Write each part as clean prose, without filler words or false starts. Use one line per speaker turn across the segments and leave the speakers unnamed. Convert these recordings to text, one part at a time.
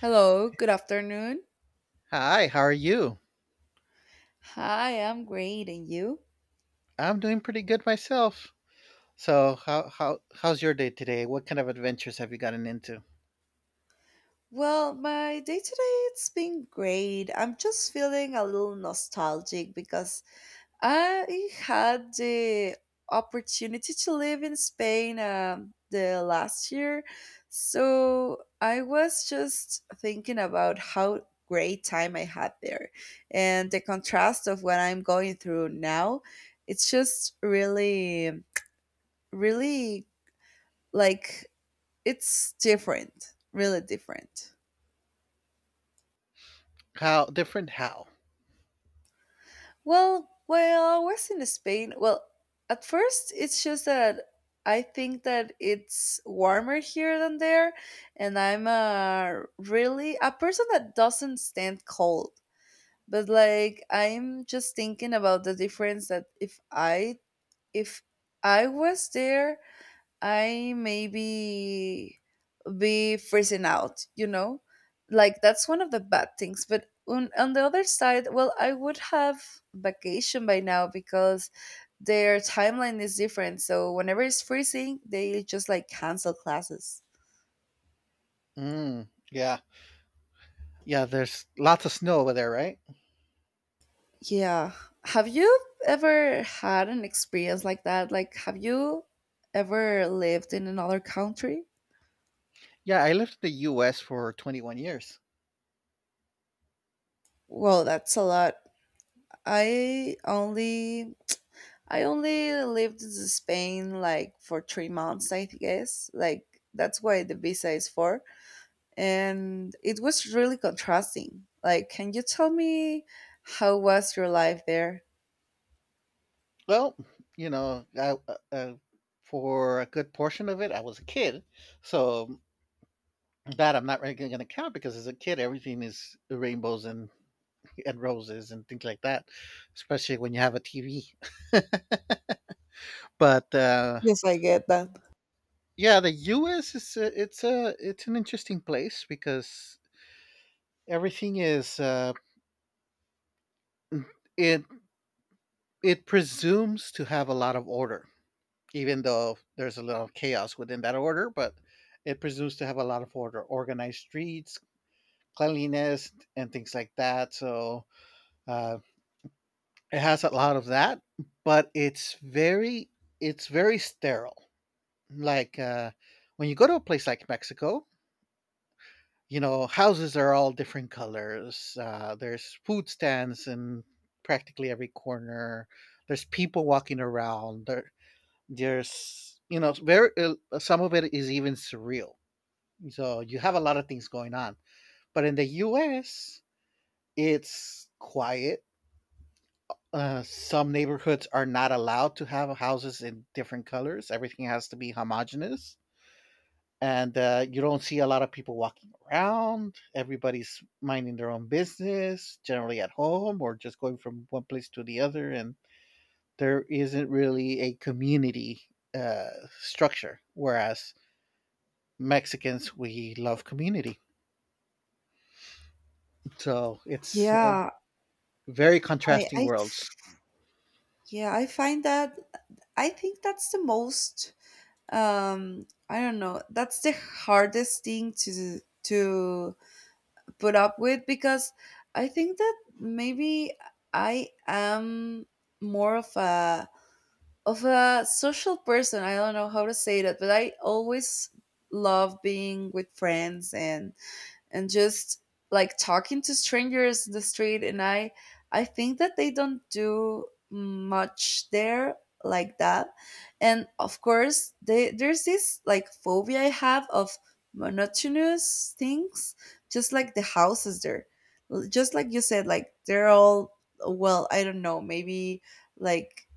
Hello, good afternoon.
Hi, how are you?
Hi, I'm great, and you?
I'm doing pretty good myself. So, how's your day today? What kind of adventures have you gotten into?
Well, my day today it's been great. I'm just feeling a little nostalgic because I had the opportunity to live in Spain, the last year. So I was just thinking about how great time I had there and the contrast of what I'm going through now. It's just really, really, like, it's different, really different.
How different? How?
Well, while I was in Spain, well, at first it's just that I think that it's warmer here than there, and I'm a really a person that doesn't stand cold. But like I'm just thinking about the difference that if I was there, I maybe be freezing out, you know? Like that's one of the bad things. But on the other side, well, I would have vacation by now because their timeline is different. So whenever it's freezing, they just like cancel classes.
Yeah, yeah. There's lots of snow over there, right?
Yeah. Have you ever had an experience like that? Like, have you ever lived in another country?
Yeah, I lived in the U.S. for 21 years.
Well, that's a lot. I only I only lived in Spain like for 3 months, I guess. Like that's why the visa is for. And it was really contrasting. Like, can you tell me how was your life there?
Well, you know, I, uh, uh, for a good portion of it, I was a kid, so that I'm not really going to count because as a kid, everything is rainbows and roses and things like that, especially when you have a TV. but
Yes, I get that.
yeah, the US is a, it's an interesting place because everything is it it presumes to have a lot of order, even though there's a lot of chaos within that order. But it presumes to have a lot of order, organized streets, cleanliness, and things like that. So uh, it has a lot of that, but it's very sterile, like when you go to a place like Mexico, you know, houses are all different colors. There's food stands in practically every corner. There's people walking there's, you know, it's very some of it is even surreal, so you have a lot of things going on. But in the US, it's quiet. Some neighborhoods are not allowed to have houses in different colors, everything has to be homogenous, and you don't see a lot of people walking around. Everybody's minding their own business, generally at home or just going from one place to the other, and there isn't really a community uh, structure. Whereas Mexicans, we love community, so it's
Yeah,
very
I,
contrasting
I,
worlds.
yeah, I find that I think that's the most, I don't know, that's the hardest thing to put up with because I think that maybe I am more of a social person. I don't know how to say that, but I always love being with friends and just like talking to strangers in the street, and I think that they don't do much there like that. And of course there's this like phobia I have of monotonous things, just like the houses there. Just like you said, like they're all, well, I don't know, maybe like,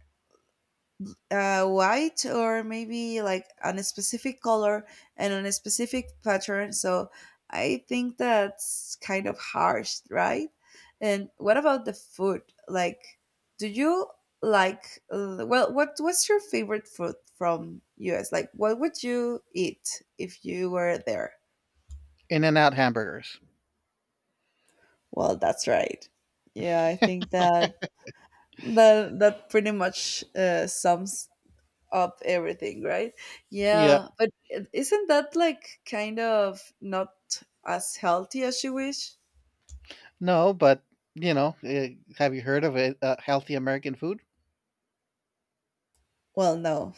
white, or maybe like on a specific color and on a specific pattern. So I think that's kind of harsh, right? And what about the food? Like, do you like? Well, what's your favorite food from US? Like, what would you eat if you were there?
In and out hamburgers.
Well, that's right. Yeah, I think that that pretty much sums up everything, right?
Yeah,
Yeah, but isn't that like kind of not as healthy as you wish?
no, but you know, eh, have you heard of it? Healthy American food.
Well, no.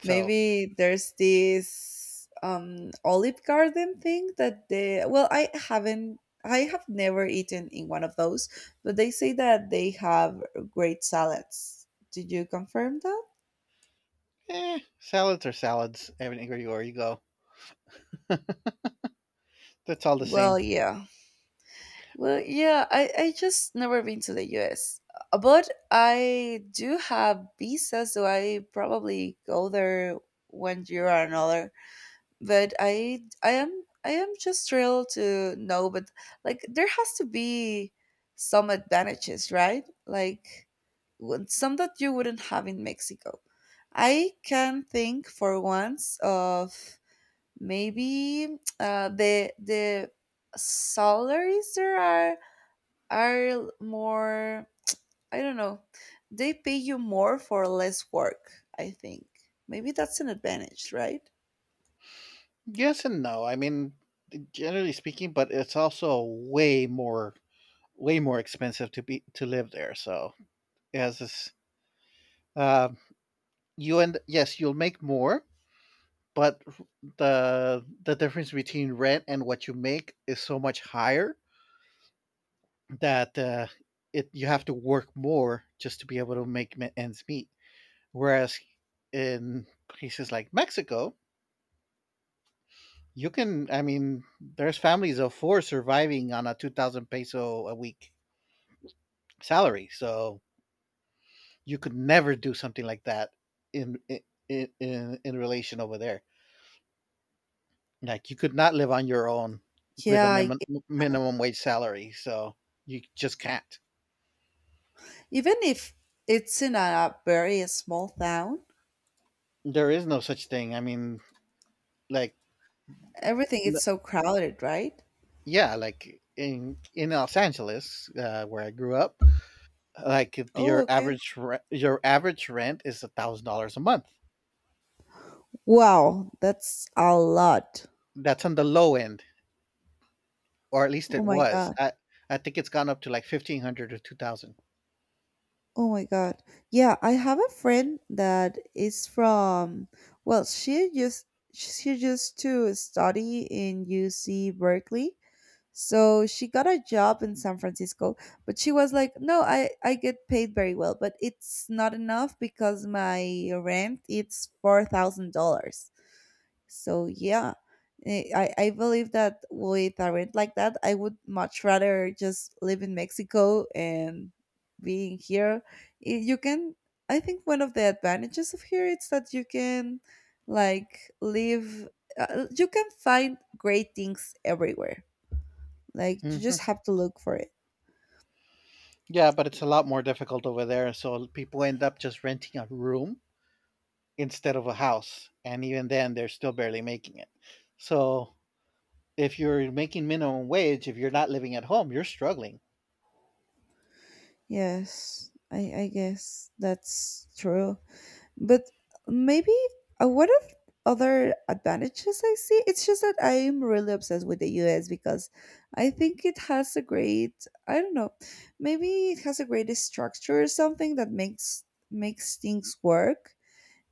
So,
Maybe there's this olive garden thing that they, well, I have never eaten in one of those, but they say that they have great salads. Did you confirm that?
salads are salads everywhere you go. That's all the
Well,
same.
yeah. Well, yeah, I just never been to the US. But I do have visa, so I probably go there one year or another. But I am just thrilled to know. But like there has to be some advantages, right? Like some that you wouldn't have in Mexico. I can think for once of maybe, the salaries there are more. I don't know, they pay you more for less work, I think. Maybe that's an advantage, right?
Yes and no. I mean, generally speaking, but it's also way more way more expensive to be to live there. So it has this. Uh, you, and yes, you'll make more, but the difference between rent and what you make is so much higher that it you have to work more just to be able to make ends meet. Whereas in places like Mexico, you can. I mean, there's families of four surviving on a 2,000 peso a week salary. So you could never do something like that in in relation over there. Like you could not live on your own with a
Yeah,
minimum wage salary. So you just can't.
even if it's in a very small town,
There is no such thing. I mean, like,
everything is
n-
so crowded, right?
yeah, like in Los Angeles, where I grew up, like if
Oh,
your
okay.
your average rent is $1,000 a month.
Wow, that's a lot.
That's on the low end, or at least
Oh
it
my
was.
god.
I think it's gone up to like 1,500 or 2,000.
Oh my god. Yeah, I have a friend that is from, well, she used to study in UC Berkeley. So she got a job in San Francisco, but she was like, "No, I get paid very well, but it's not enough because my rent it's $4,000." So yeah. I believe that with a rent like that, I would much rather just live in Mexico and being here. Eh, You can, I think one of the advantages of here is that you can like live. You can find great things everywhere, like you just
Mm-hmm.
have to look for it.
Yeah, but it's a lot more difficult over there. So people end up just renting a room instead of a house. And even then, they're still barely making it. So if you're making minimum wage, if you're not living at home, you're struggling.
Yes, I guess that's true. But maybe, what of other advantages I see? It's just that I'm really obsessed with the US because I think it has a great, I don't know, maybe it has a great structure or something that makes things work.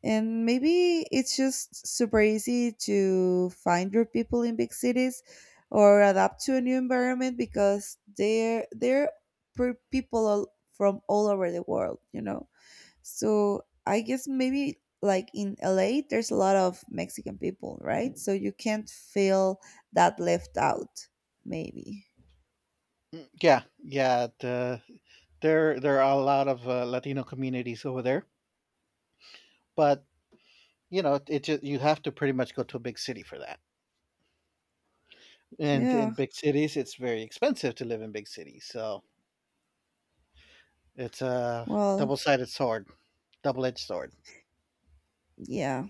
And maybe it's just super easy to find your people in big cities, or adapt to a new environment because they're people, from all over the world, you know. So I guess maybe like in LA there's a lot of Mexican people, right? So you can't feel that left out, maybe.
Yeah, yeah. There, there are a lot of Latino communities over there, but you know, it just you have to pretty much go to a big city for that. And in
Yeah.
big cities, it's very expensive to live in big cities. So it's a
Well,
double-sided sword, double-edged sword.
yeah.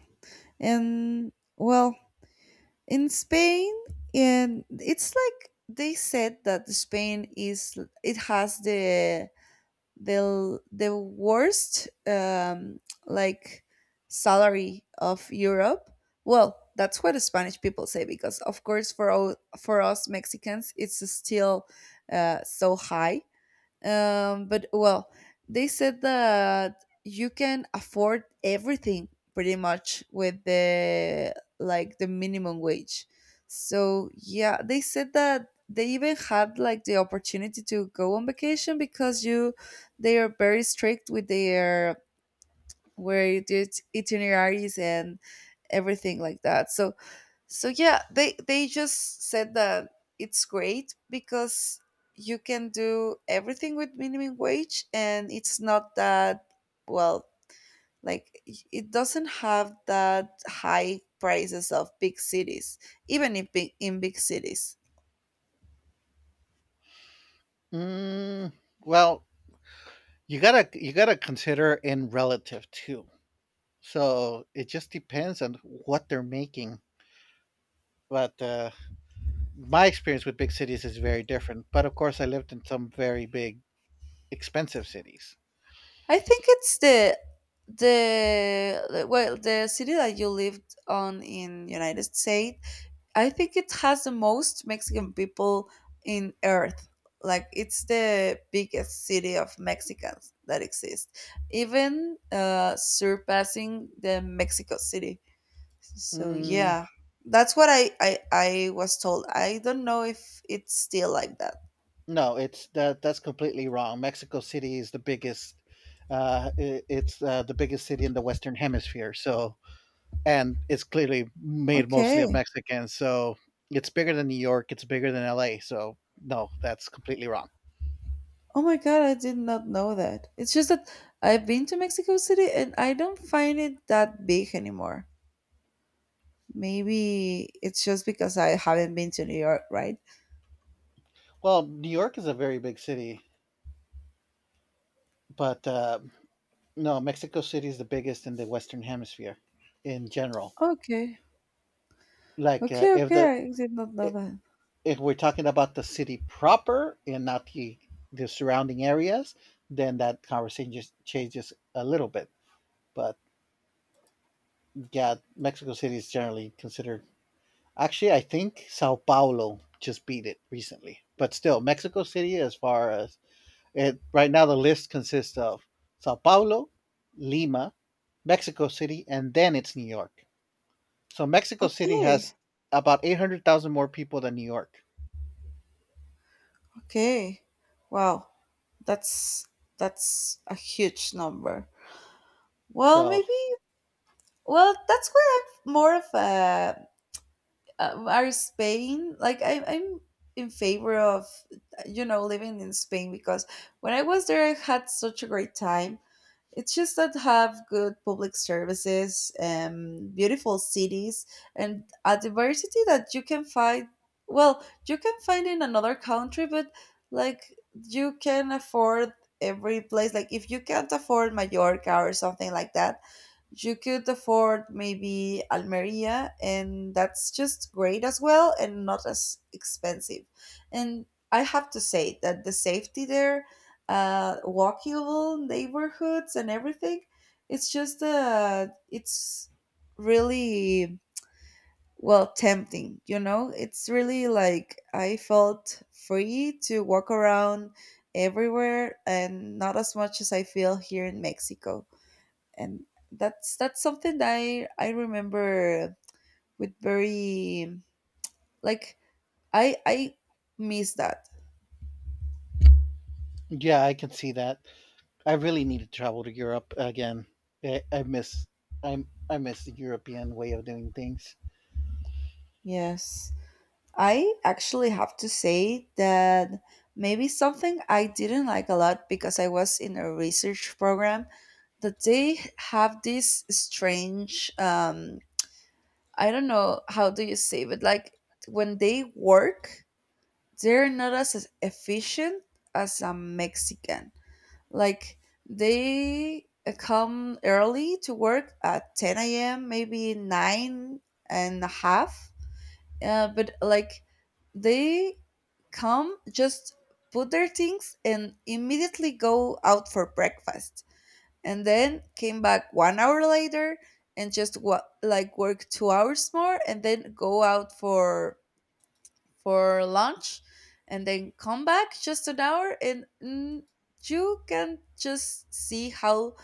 And well, in Spain, and it's like they said that Spain is it has the, the worst, like, salary of Europe. Well, that's what the Spanish people say because, of course, for us Mexicans, it's still, so high. But well, they said that you can afford everything pretty much with the, like, the minimum wage. So yeah, they said that they even had like the opportunity to go on vacation because you they are very strict with their, where you do it- itineraries and everything like that. So, yeah, they just said that it's great because you can do everything with minimum wage, and it's not that, well, like, it doesn't have that high prices of big cities, even in big cities.
Mm, well, you gotta consider in relative too, so it just depends on what they're making. But My experience with big cities is very different, but of course I lived in some very big, expensive cities.
I think it's the, well, the city that you lived on in United States, I think it has the most Mexican people in earth. Like it's the biggest city of Mexicans that exists, even, surpassing the Mexico City. So
mm,
yeah, that's what I was told. I don't know if it's still like that.
no, it's that that's completely wrong. Mexico City is the biggest I- it's the biggest city in the Western Hemisphere. So, and it's clearly made
Okay.
mostly of Mexicans, so it's bigger than New York, it's bigger than LA. So no, that's completely wrong.
Oh my God, I did not know that. It's just that I've been to Mexico City and I don't find it that big anymore. Maybe it's just because I haven't been to New York, right?
Well, New York is a very big city, but no, Mexico City is the biggest in the Western Hemisphere in general.
Okay.
Like,
Okay, okay, I did not know
i-
that.
if we're talking about the city proper and not the surrounding areas, then that conversation just changes a little bit. But yeah, Mexico City is generally considered. Actually, I think Sao Paulo just beat it recently, but still, Mexico City, as far as it right now, the list consists of Sao Paulo, Lima, Mexico City, and then it's New York. So Mexico City
Okay,
has about 800,000 more people than New York.
okay. Wow, that's that's a huge number. Well,
So,
maybe. Well, that's where I'm more of a, are Spain like, I'm in favor of, living in Spain because when I was there I had such a great time. It's just that have good public services, beautiful cities, and a diversity that you can find. Well, you can find in another country, but like you can afford every place. Like if you can't afford Mallorca or something like that, you could afford maybe Almeria, and that's just great as well and not as expensive. And I have to say that the safety there, walkable neighborhoods and everything, it's just, it's really, well, tempting. You know, it's really like I felt free to walk around everywhere and not as much as I feel here in Mexico. And that's something that I remember with very, like, I miss that.
yeah, I can see that. I really need to travel to Europe again. I, I miss I miss the European way of doing things.
Yes. I actually have to say that maybe something I didn't like a lot, because I was in a research program that they have this strange, I don't know how do you say, but like when they work they're not as efficient as a Mexican. Like they, come early to work at 10 a.m., maybe nine and a half. But like they come, just put their things and immediately go out for breakfast. And then came back one hour later and just like work 2 hours more and then go out for lunch, and then come back just an hour. And you can just see how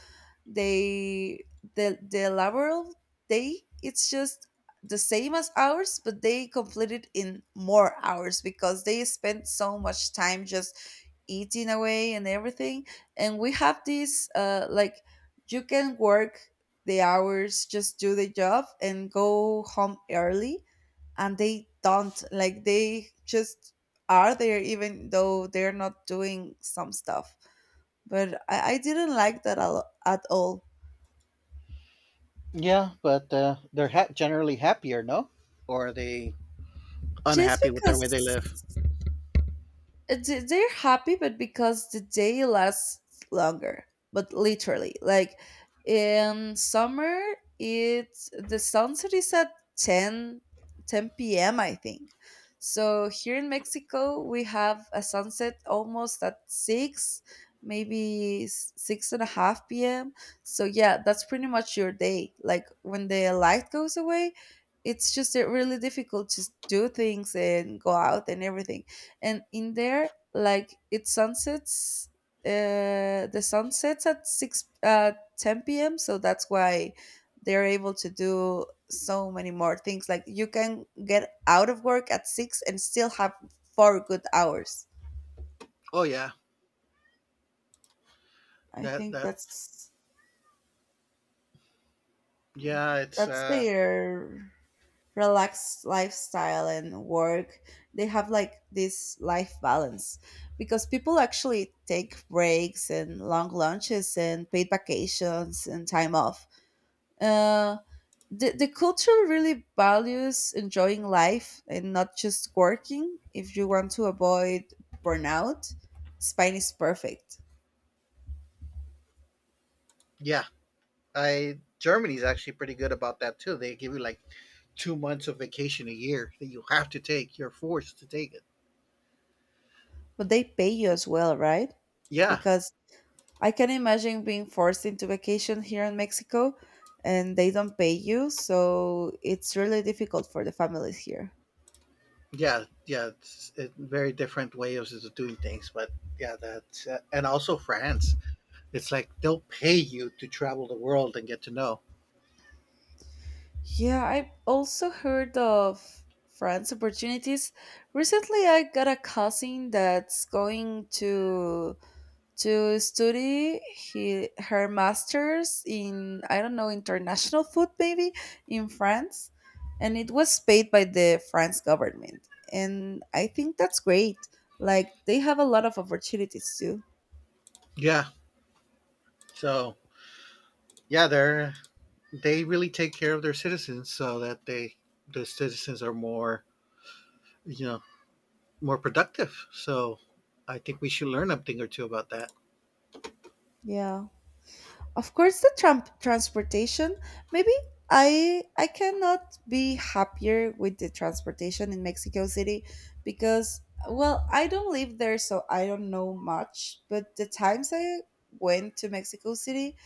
they the laboral day it's just the same as ours, but they complete it in more hours because they spend so much time just eating away and everything. And we have this, like, you can work the hours, just do the job and go home early, and they don't, like, they just are there even though they're not doing some stuff. But I didn't like that a at all.
Yeah, but generally happier, no? Or are they
Just
unhappy with their
because,
way they live?
they're happy, but because the day lasts longer. But literally, like, in summer it's the sunset is at ten ten 10 p.m. I think. So here in Mexico we have a sunset almost at 6, maybe six and a half p.m. So yeah, that's pretty much your day, like when the light goes away it's just, really difficult to do things and go out and everything. And in there, like, it sunsets the sun sets at 6 uh 10 p.m. So that's why they're able to do so many more things, like you can get out of work at 6 and still have 4 good hours.
Oh yeah,
I
that
think
that yeah, it's
that's their relaxed lifestyle. And work, they have like this life balance because people actually take breaks and long lunches and paid vacations and time off. uh, the culture really values enjoying life and not just working. If you want to avoid burnout, Spain is perfect.
yeah, I, Germany's actually pretty good about that too. They give you like 2 months of vacation a year that you have to take. You're forced to take it.
But they pay you as well, right?
Yeah,
Because I can imagine being forced into vacation here in Mexico, and they don't pay you, so it's really difficult for the families here.
yeah, yeah. It's a very different way of doing things, but yeah, that's and also France. It's like they'll pay you to travel the world and get to know.
Yeah, I also heard of France opportunities. Recently, I got a cousin that's going to study her master's in I don't know international food maybe in France, and it was paid by the France government, and I think that's great. Like they have a lot of opportunities too.
Yeah, so yeah, they really take care of their citizens so that the citizens are more, you know, more productive. So I think we should learn a thing or two about that.
Yeah. Of course, the transportation. Maybe I cannot be happier with the transportation in Mexico City because well, I don't live there, so I don't know much. But the times I went to Mexico City,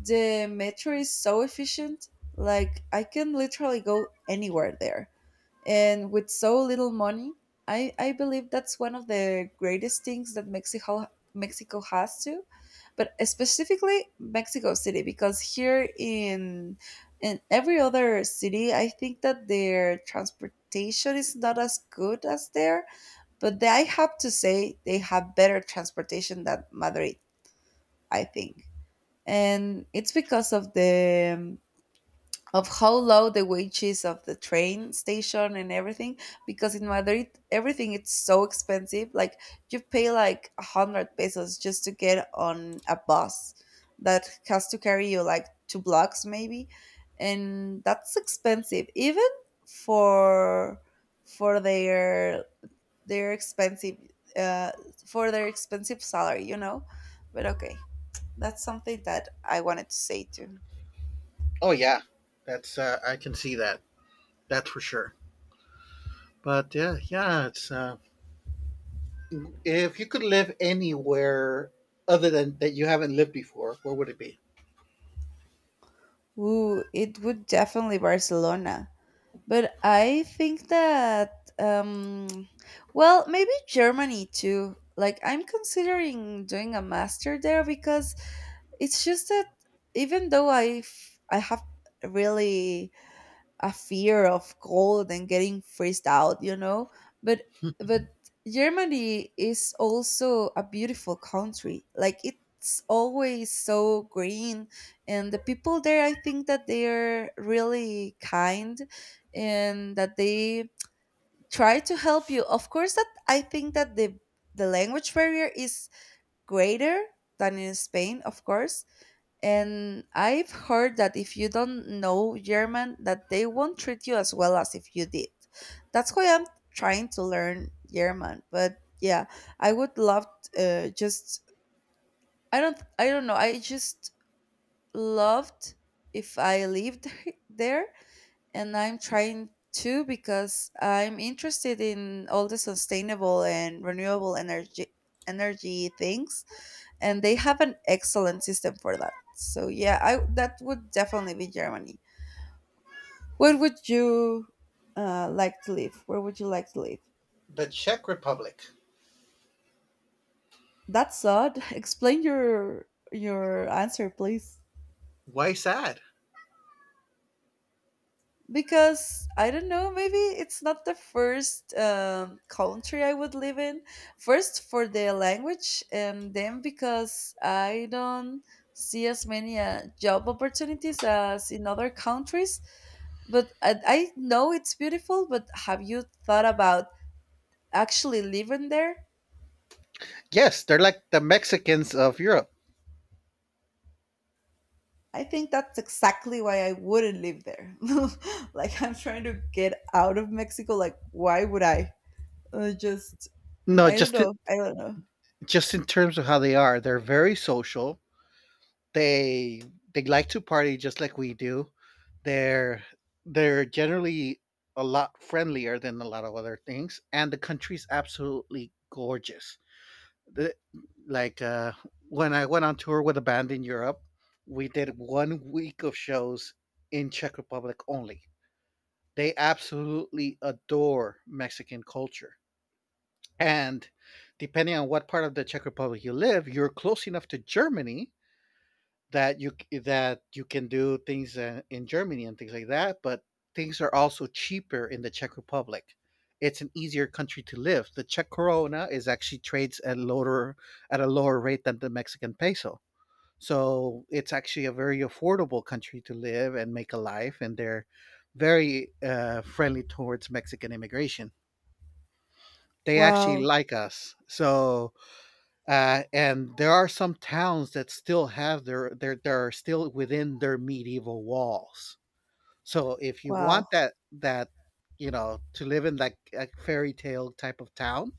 the metro is so efficient. Like I can literally go anywhere there and with so little money. I believe that's one of the greatest things that Mexico has to, but specifically Mexico City, because here in every other city I think that their transportation is not as good as there. But they, I have to say, they have better transportation than Madrid, I think, and it's because of the of how low the wage is of the train station and everything, because in Madrid everything it's so expensive. Like you pay like a 100 pesos just to get on a bus that has to carry you like two blocks maybe, and that's expensive even for for their expensive uh for their expensive salary, you know. But okay, that's something that I wanted to say too.
Oh yeah, that's I can see that. That's for sure. But yeah, yeah, it's if you could live anywhere other than that you haven't lived before, where would it be?
Ooh, it would definitely Barcelona. But I think that, um, well, maybe Germany too. Like, I'm considering doing a master there because it's just that, even though I have really a fear of cold and getting freezed out, you know. But but Germany is also a beautiful country. Like it's always so green, and the people there, I think that they're really kind, and that they try to help you. Of course, that I think that the language barrier is greater than in Spain, of course, and I've heard that if you don't know German, that they won't treat you as well as if you did. That's why I'm trying to learn German. But yeah, I would love just I don't know. I just loved if I lived there, and I'm trying to because I'm interested in all the sustainable and renewable energy things, and they have an excellent system for that. So yeah, I that would definitely be Germany. Where would you like to live? Where would you like to live?
The Czech Republic.
That's odd. Explain your answer, please.
Why sad?
Because I don't know, maybe it's not the first country I would live in. First for the language, and then because I don't see as many job opportunities as in other countries. But I know it's beautiful, but have you thought about actually living there?
Yes, they're like the Mexicans of Europe.
I think that's exactly why I wouldn't live there. Like, I'm trying to get out of Mexico. Like, why would I? Uh, just,
No,
I don't
just to,
know. I don't know.
just in terms of how they are, they're very social. They they like to party just like we do. They're they're generally a lot friendlier than a lot of other things, and the country's absolutely gorgeous. the- like uh, when I went on tour with a band in Europe, we did 1 week of shows in Czech Republic only. They absolutely adore Mexican culture. And depending on what part of the Czech Republic you live, you're close enough to Germany that that you can do things in Germany and things like that, but things are also cheaper in the Czech Republic. It's an easier country to live. The Czech koruna is actually trades at lower at a lower rate than the Mexican peso. So it's actually a very affordable country to live and make a life, and they're very friendly towards Mexican immigration. They actually
Wow.
like us. So and there are some towns that still have their they're still within their medieval walls. So if you want
Wow.
that, you know, to live in like a fairy tale type of town,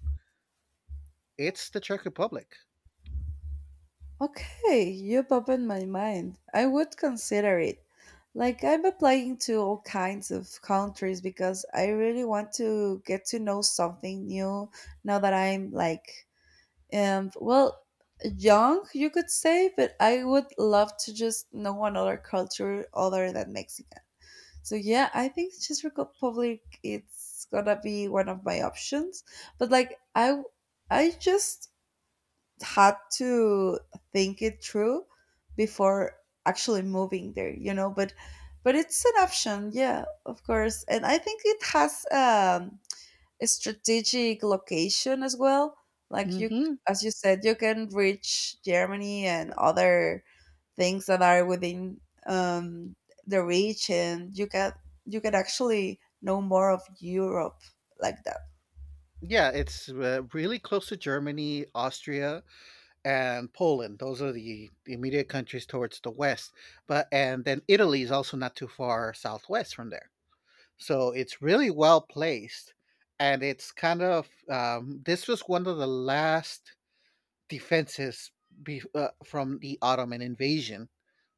it's the Czech Republic.
Okay. You've opened my mind. I would consider it. Like, I'm applying to all kinds of countries because I really want to get to know something new now that I'm like and well young, you could say. But I would love to just know another culture other than Mexican. So yeah, I think Czech Republic it's gonna be one of my options, but like I just had to think it through before actually moving there, you know. But it's an option. Yeah, of course, and I think it has strategic location as well. Like you,
hmm
as you said, you can reach Germany and other things that are within um, the reach, and you can actually know more of Europe like that.
Yeah, it's really close to Germany, Austria, and Poland. Those are the immediate countries towards the west. But and then Italy is also not too far southwest from there. So it's really well placed, and it's kind of this was one of the last defenses from the Ottoman invasion.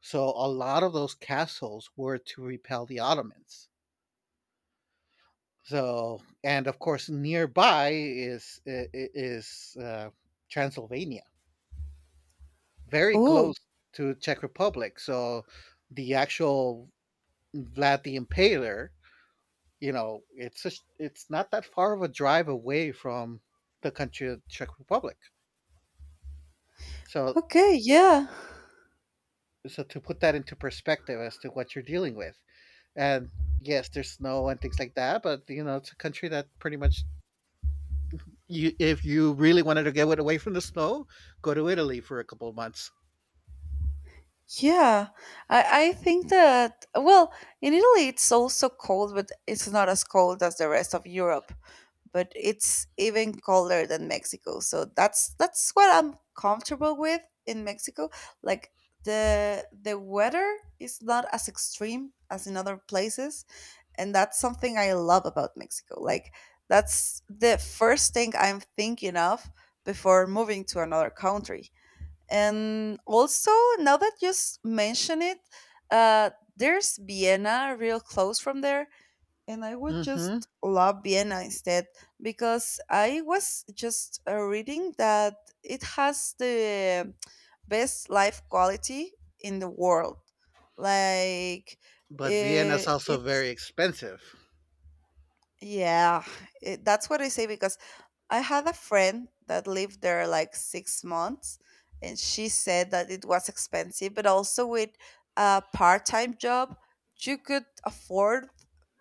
So a lot of those castles were to repel the Ottomans. So and of course nearby is Transylvania, very
Oh,
close to Czech Republic. So the actual Vlad the Impaler, you know, it's just it's not that far of a drive away from the country of Czech Republic. So,
okay, yeah,
so to put that into perspective as to what you're dealing with. And yes, there's snow and things like that, but you know, it's a country that pretty much, you, if you really wanted to get away from the snow, go to Italy for a couple of months.
yeah. I think that, well, in Italy it's also cold, but it's not as cold as the rest of Europe, but it's even colder than Mexico. So that's what I'm comfortable with in Mexico. Like the weather is not as extreme as in other places, and that's something I love about Mexico. Like that's the first thing I'm thinking of before moving to another country. And also, now that you mention it, uh, there's Vienna real close from there, and I would
Mhm.
just love Vienna instead, because I was just reading that it has the best life quality in the world. Like
But Vienna's also
it's
very expensive.
yeah, it, that's what I say because I had a friend that lived there like 6 months, and she said that it was expensive, but also with a part time job, you could afford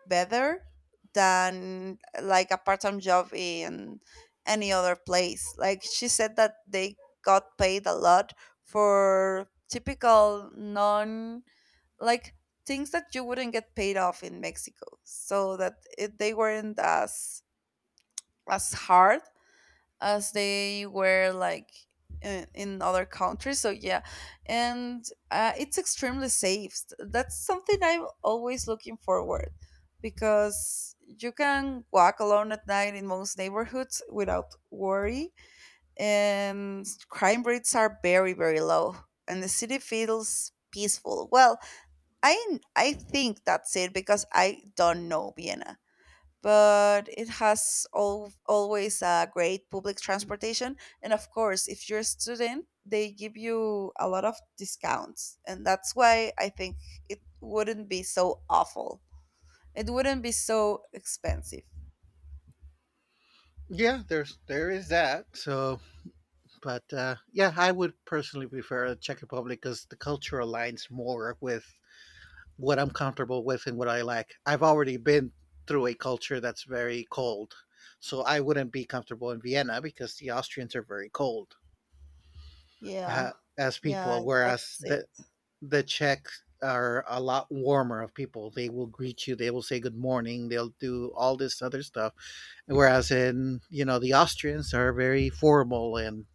better than like a part time job in any other place. Like she said that they got paid a lot for typical non like things that you wouldn't get paid off in Mexico, so that it, they weren't as hard as they were like in other countries. So yeah, and it's extremely safe. That's something I'm always looking forward, because you can walk alone at night in most neighborhoods without worry, and crime rates are very very low, and the city feels peaceful. Well, I think that's it because I don't know Vienna, but it has al always a great public transportation. And of course, if you're a student, they give you a lot of discounts. And that's why I think it wouldn't be so awful. It wouldn't be so expensive.
Yeah, there's there is that. So, but yeah, I would personally prefer the Czech Republic because the culture aligns more with what I'm comfortable with and what I like. I've already been through a culture that's very cold, so I wouldn't be comfortable in Vienna because the Austrians are very cold
Yeah.
uh, as
Yeah,
people, whereas
that's it.
the Czechs are a lot warmer of people. They will greet you, they will say good morning, they'll do all this other stuff. Whereas in, you know, the Austrians are very formal and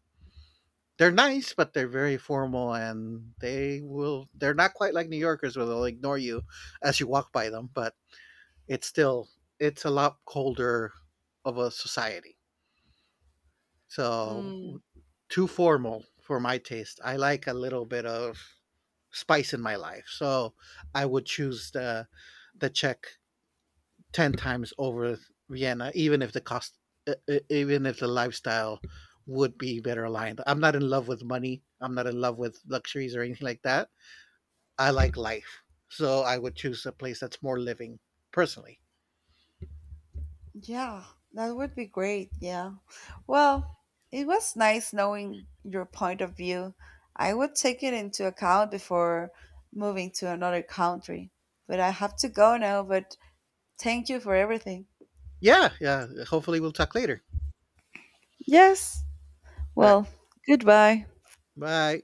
they're nice, but they're very formal, and they're not quite like New Yorkers where they'll ignore you as you walk by them, but it's still it's a lot colder of a society. So
Mm.
too formal for my taste. I like a little bit of spice in my life. So I would choose the Czech 10 times over Vienna, even if the cost, e- e- even if the lifestyle would be better aligned. I'm not in love with money. I'm not in love with luxuries or anything like that. I like life, so I would choose a place that's more living personally.
Yeah, that would be great. Yeah. Well, it was nice knowing your point of view. I would take it into account before moving to another country. But I have to go now, but thank you for everything.
Yeah, yeah. Hopefully, we'll talk later.
Yes.
All right.
Well, goodbye.
Bye.